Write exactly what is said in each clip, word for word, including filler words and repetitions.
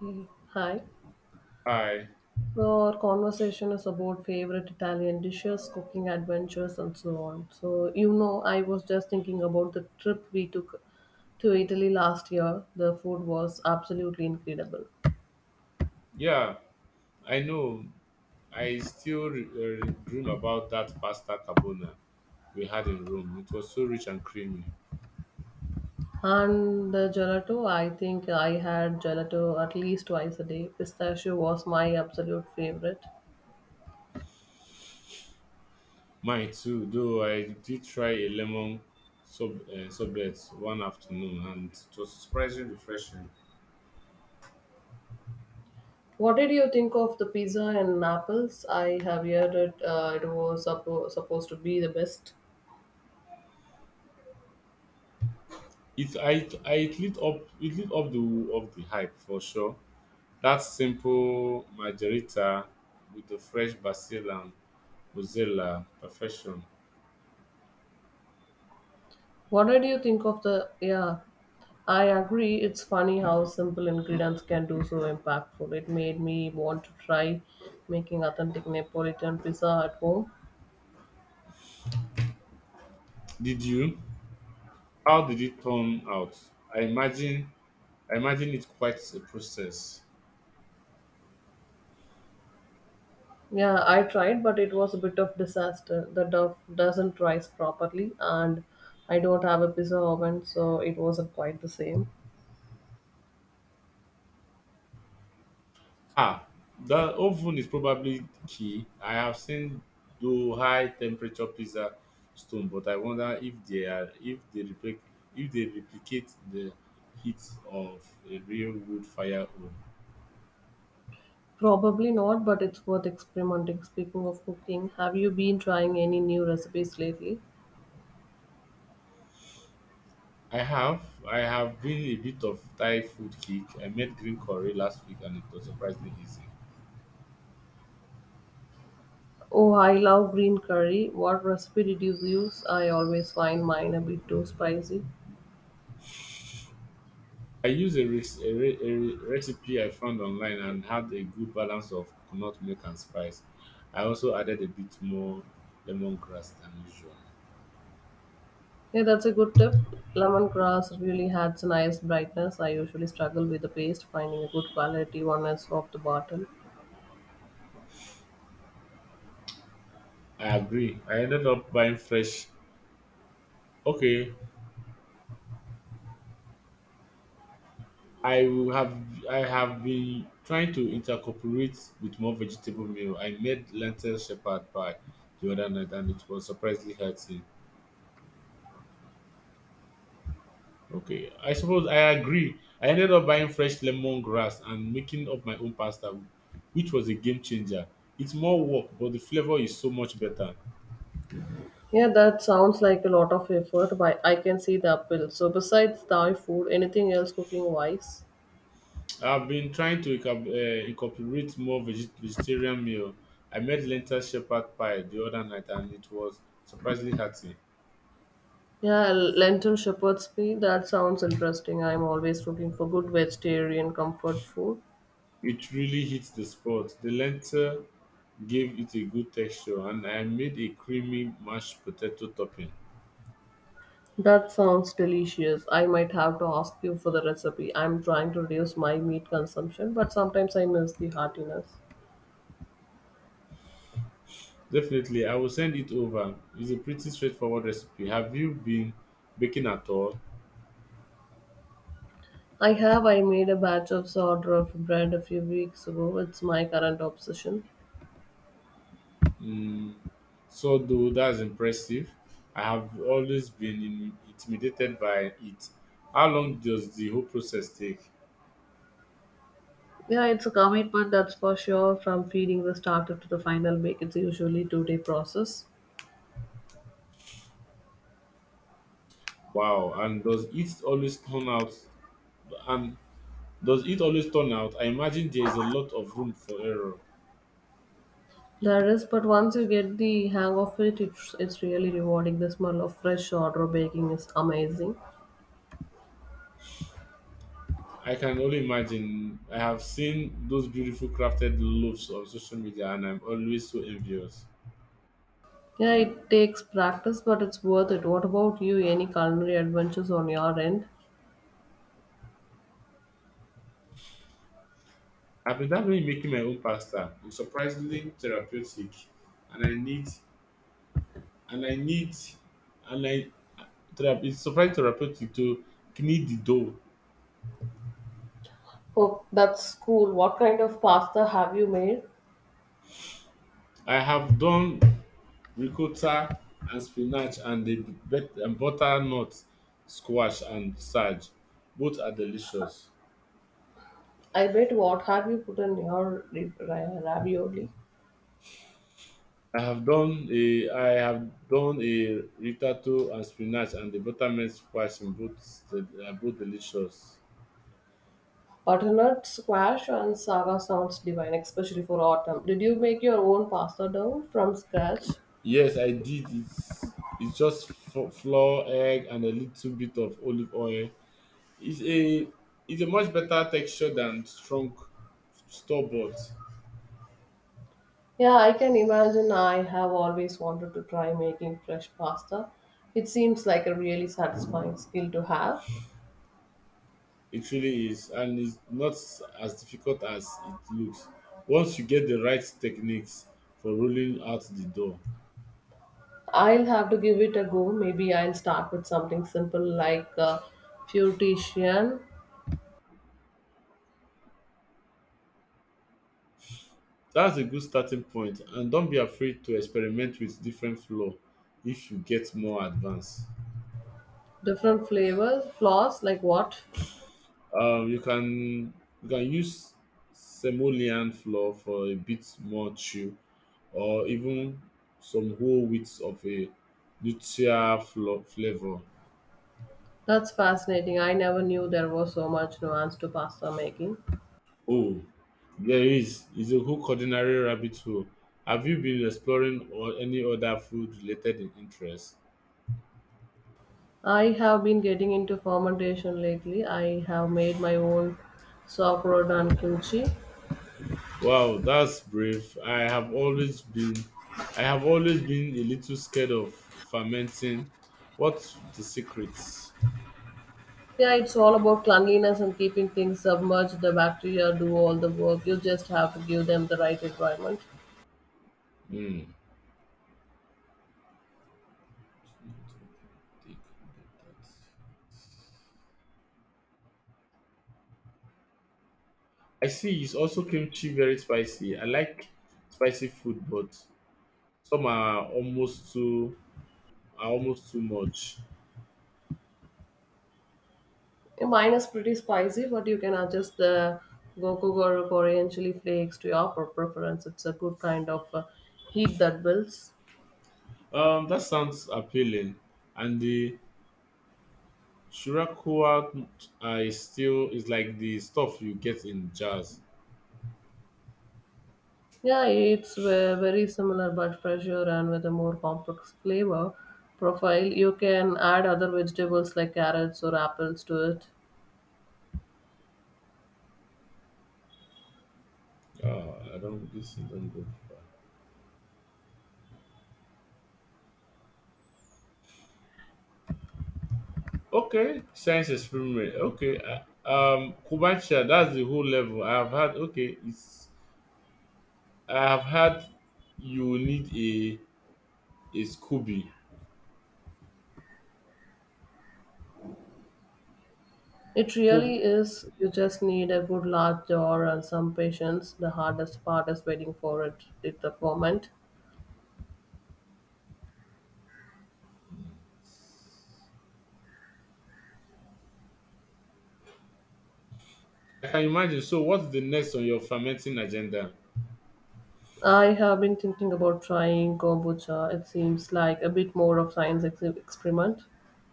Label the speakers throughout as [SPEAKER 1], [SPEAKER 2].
[SPEAKER 1] Hey, hi.
[SPEAKER 2] I,
[SPEAKER 1] So our conversation is about favorite Italian dishes, cooking adventures, and so on. So you know, I was just thinking about the trip we took to Italy last year. The food was absolutely incredible,
[SPEAKER 2] yeah, I know. I still re- uh, dream about that pasta carbona we had in Rome. It was so rich and creamy.
[SPEAKER 1] and the gelato. I think I had gelato at least twice a day. Pistachio was my absolute favorite.
[SPEAKER 2] Mine too, though I did try a lemon sub uh, sorbet one afternoon, and it was surprisingly refreshing.
[SPEAKER 1] What did you think of the pizza and apples? I have heard it. Uh, it was suppo- supposed to be the best.
[SPEAKER 2] It I I it lit up it lit up the of the hype for sure. That simple margarita with the fresh basil and mozzarella, perfection.
[SPEAKER 1] What did you think of the? Yeah, I agree. It's funny how simple ingredients can do so impactful. It made me want to try making authentic Neapolitan pizza at home.
[SPEAKER 2] Did you? How did it turn out? I imagine I imagine it's quite a process.
[SPEAKER 1] Yeah, I tried, but it was a bit of disaster. The dough doesn't rise properly, and I don't have a pizza oven, so it wasn't quite the same.
[SPEAKER 2] Ah, the oven is probably key. I have seen though high temperature pizza stone, but I wonder if they are if they replic if they replicate the heat of a real wood fire oven.
[SPEAKER 1] Probably not, but it's worth experimenting. Speaking of cooking, have you been trying any new recipes lately?
[SPEAKER 2] I have I have been a bit of Thai food kick. I made green curry last week and it was surprisingly easy.
[SPEAKER 1] Oh, I love green curry. What recipe did you use? I always find mine a bit too spicy.
[SPEAKER 2] I used a, rec- a, re- a re- recipe I found online and had a good balance of coconut milk and spice. I also added a bit more lemongrass than usual.
[SPEAKER 1] Yeah, that's a good tip. Lemongrass really adds a nice brightness. I usually struggle with the paste, finding a good quality one is off the bottle.
[SPEAKER 2] I agree. I ended up buying fresh. Okay, I will have I have been trying to incorporate with more vegetable meal. I made lentil shepherd pie the other night and it was surprisingly healthy. Okay, I suppose I agree. I ended up buying fresh lemongrass and making up my own pasta, which was a game changer. It's more work, but the flavor is so much better.
[SPEAKER 1] Yeah, that sounds like a lot of effort, but I can see the appeal. So, besides Thai food, anything else cooking wise?
[SPEAKER 2] I've been trying to incorp- uh, incorporate more veg- vegetarian meal. I made lentil shepherd pie the other night, and it was surprisingly hearty.
[SPEAKER 1] Yeah, lentil shepherd's pie. That sounds interesting. I'm always looking for good vegetarian comfort food.
[SPEAKER 2] It really hits the spot. The lentil gave it a good texture, and I made a creamy mashed potato topping.
[SPEAKER 1] That sounds delicious. I might have to ask you for the recipe. I'm trying to reduce my meat consumption, but sometimes I miss the heartiness.
[SPEAKER 2] Definitely, I will send it over. It's a pretty straightforward recipe. Have you been baking at all?
[SPEAKER 1] I have. I made a batch of sourdough bread a few weeks ago. It's my current obsession.
[SPEAKER 2] Mm, so, though, that's impressive. I have always been in- intimidated by it. How long does the whole process take?
[SPEAKER 1] Yeah, it's a commitment, that's for sure. From feeding the starter to the final bake, it's usually two-day process.
[SPEAKER 2] Wow, and does it always turn out? And does it always turn out? I imagine there is a lot of room for error.
[SPEAKER 1] There is, but once you get the hang of it, it's, it's really rewarding. The smell of fresh sourdough baking is amazing.
[SPEAKER 2] I can only imagine. I have seen those beautiful crafted loaves on social media, and I'm always so envious.
[SPEAKER 1] Yeah, it takes practice, but it's worth it. What about you? Any culinary adventures on your end?
[SPEAKER 2] I've been dabbling in making my own pasta. It's surprisingly therapeutic, and I need and I need and I therapy. It's surprisingly therapeutic to knead the dough.
[SPEAKER 1] Oh, that's cool. What kind of pasta have you made?
[SPEAKER 2] I have done ricotta and spinach and the bet- and butternut squash and sage. Both are delicious.
[SPEAKER 1] I bet what have you put in your ri- ri- ravioli?
[SPEAKER 2] I have done a I have done a ritato and spinach and the buttermilk squash in both the, are both delicious.
[SPEAKER 1] Butternut squash and saga sounds divine, especially for autumn. Did you make your own pasta dough from scratch?
[SPEAKER 2] Yes, I did. It's it's just f- flour, egg, and a little bit of olive oil. It's a it's a much better texture than strong store bought.
[SPEAKER 1] Yeah, I can imagine. I have always wanted to try making fresh pasta. It seems like a really satisfying skill to have.
[SPEAKER 2] It really is, and it's not as difficult as it looks. Once you get the right techniques for rolling out the dough,
[SPEAKER 1] I'll have to give it a go. Maybe I'll start with something simple like uh, Fuetician.
[SPEAKER 2] that's a good starting point. And don't be afraid to experiment with different flour if you get more advanced.
[SPEAKER 1] Different flavors, flours, like what?
[SPEAKER 2] Um, you can you can use simoleon flour for a bit more chew, or even some whole wheats of a neutral flo- flavor.
[SPEAKER 1] That's fascinating. I never knew there was so much nuance to pasta making.
[SPEAKER 2] Oh, there is is a whole culinary rabbit hole. Have you been exploring or any other food related interests?
[SPEAKER 1] I have been getting into fermentation lately. I have made my own sauerkraut and kimchi.
[SPEAKER 2] Wow, that's brave. I have always been I have always been a little scared of fermenting. What's the secret?
[SPEAKER 1] Yeah, it's all about cleanliness and keeping things submerged. The bacteria do all the work. You just have to give them the right environment.
[SPEAKER 2] Hmm. I see it's also kimchi very spicy. I like spicy food, but some are almost too are almost too much.
[SPEAKER 1] Mine is pretty spicy, but you can adjust the gochujang or Korean chili flakes to your per- preference. It's a good kind of uh, heat that builds.
[SPEAKER 2] Um, that sounds appealing. And the shirakuwa uh, is still is like the stuff you get in jars.
[SPEAKER 1] Yeah, it's ve- very similar but fresher and with a more complex flavor profile. You can add other vegetables like carrots or apples to it.
[SPEAKER 2] Oh, I don't. This thing don't go far. Okay, science experiment. Okay, uh, um, Kubacha. That's the whole level. I've had. Okay, it's I have heard you need a a SCOBY.
[SPEAKER 1] It
[SPEAKER 2] Co-
[SPEAKER 1] really is. You just need a good large jar and some patience. The hardest part is waiting for it at the moment.
[SPEAKER 2] I can imagine. So, what's the next on your fermenting agenda?
[SPEAKER 1] I have been thinking about trying kombucha. It seems like a bit more of science ex- experiment.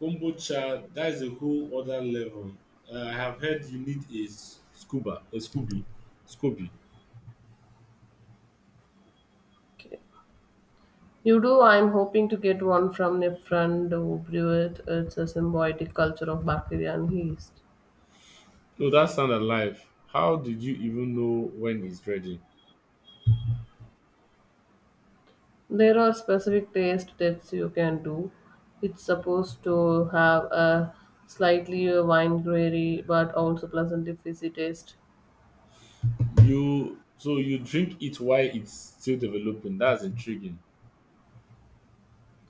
[SPEAKER 2] Kombucha, that is a whole other level. Uh, I have heard you need a s- scuba, a scubi, scubi.
[SPEAKER 1] Okay. You do. I'm hoping to get one from a friend who brew it. It's a symbiotic culture of bacteria and yeast.
[SPEAKER 2] No, that sound alive. How did you even know when it's ready?
[SPEAKER 1] There are specific taste tests you can do. It's supposed to have a slightly wine but also pleasantly fizzy taste.
[SPEAKER 2] You so you drink it while it's still developing. That's intriguing.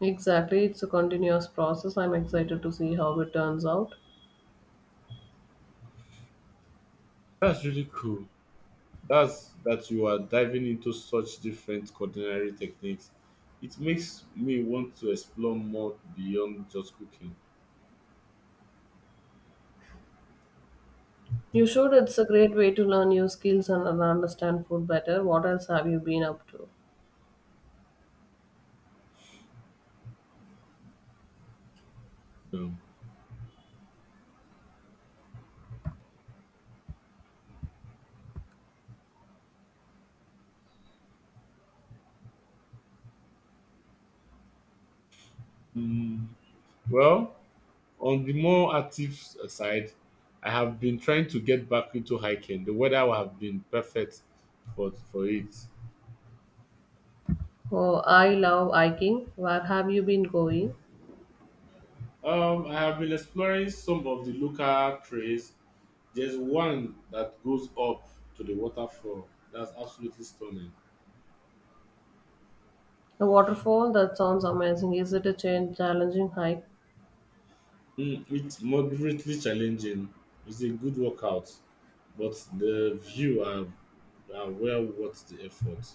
[SPEAKER 1] Exactly. It's a continuous process. I'm excited to see how it turns out.
[SPEAKER 2] That's really cool. That's that you are diving into such different culinary techniques. It makes me want to explore more beyond just cooking.
[SPEAKER 1] You should. It's a great way to learn new skills and and understand food better. What else have you been up to?
[SPEAKER 2] Um, mm, well, on the more active s- side, I have been trying to get back into hiking. The weather would have been perfect for for it.
[SPEAKER 1] Oh, I love hiking. Where have you been going?
[SPEAKER 2] Um, I have been exploring some of the local trails. There's one that goes up to the waterfall. That's absolutely stunning.
[SPEAKER 1] A waterfall? That sounds amazing. Is it a change, challenging hike?
[SPEAKER 2] Mm, it's moderately challenging. It's a good workout, but the view are, are well worth the effort.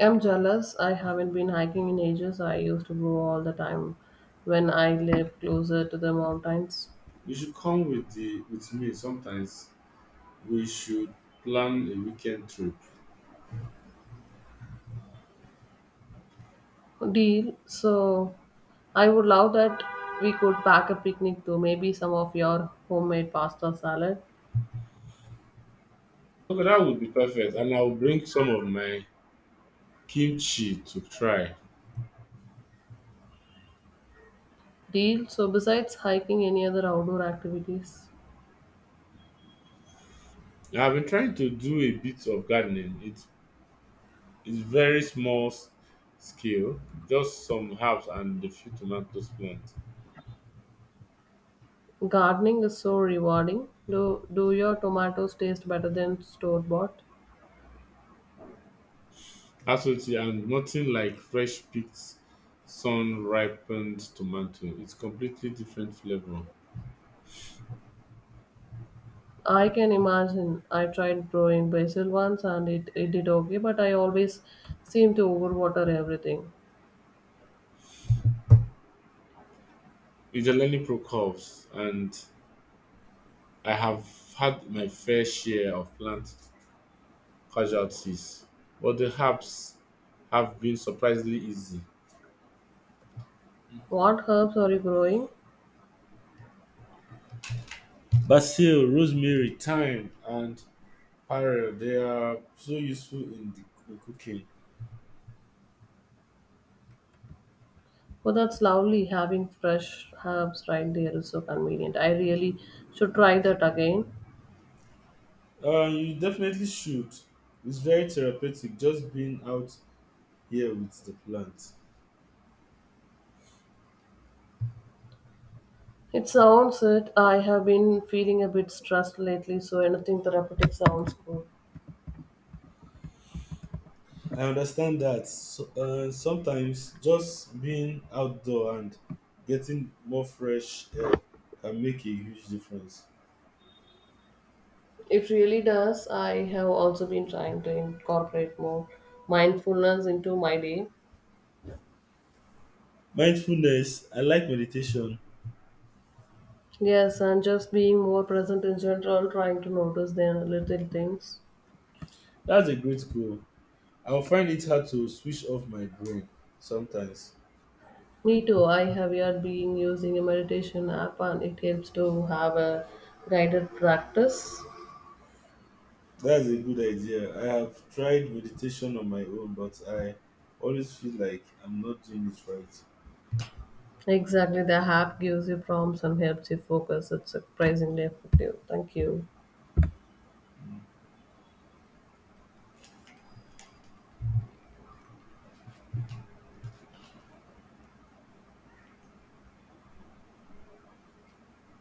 [SPEAKER 1] I'm jealous. I haven't been hiking in ages. I used to go all the time when I lived closer to the mountains.
[SPEAKER 2] You should come with the with me sometimes. We should plan a weekend trip.
[SPEAKER 1] Deal. So I would love that we could pack a picnic too. Maybe some of your homemade pasta salad.
[SPEAKER 2] Okay, that would be perfect, and I'll bring some of my kimchi to try.
[SPEAKER 1] Deal. So, besides hiking, any other outdoor activities?
[SPEAKER 2] I've been trying to do a bit of gardening. It's it's very small s- scale, just some herbs and a few tomatoes plant.
[SPEAKER 1] Gardening is so rewarding. Do do your tomatoes taste better than store bought?
[SPEAKER 2] Absolutely, and nothing like fresh picked, sun ripened tomato. It's completely different flavor.
[SPEAKER 1] I can imagine. I tried growing basil once and it, it did okay, but I always seem to overwater everything.
[SPEAKER 2] It's a learning process, and I have had my fair share of plant casualties, but the herbs have been surprisingly easy.
[SPEAKER 1] What herbs are you growing?
[SPEAKER 2] Basil, rosemary, thyme, and pearl, they are so useful in the in cooking.
[SPEAKER 1] Oh, that's lovely. Having fresh herbs right there is so convenient. I really should try that again.
[SPEAKER 2] Uh, you definitely should. It's very therapeutic just being out here with the plant.
[SPEAKER 1] It sounds it. I have been feeling a bit stressed lately, so anything therapeutic sounds good.
[SPEAKER 2] I understand that. So, uh, sometimes just being outdoor and getting more fresh air can make a huge difference.
[SPEAKER 1] It really does. I have also been trying to incorporate more mindfulness into my day.
[SPEAKER 2] Mindfulness, I like meditation.
[SPEAKER 1] Yes, and just being more present in general, trying to notice the little things.
[SPEAKER 2] That's a great goal. I'll find it hard to switch off my brain sometimes.
[SPEAKER 1] Me too. I have yet been using a meditation app, and it helps to have a guided practice.
[SPEAKER 2] That's a good idea. I have tried meditation on my own, but I always feel like I'm not doing it right.
[SPEAKER 1] Exactly, the app gives you prompts and helps you focus. It's surprisingly effective. Thank you.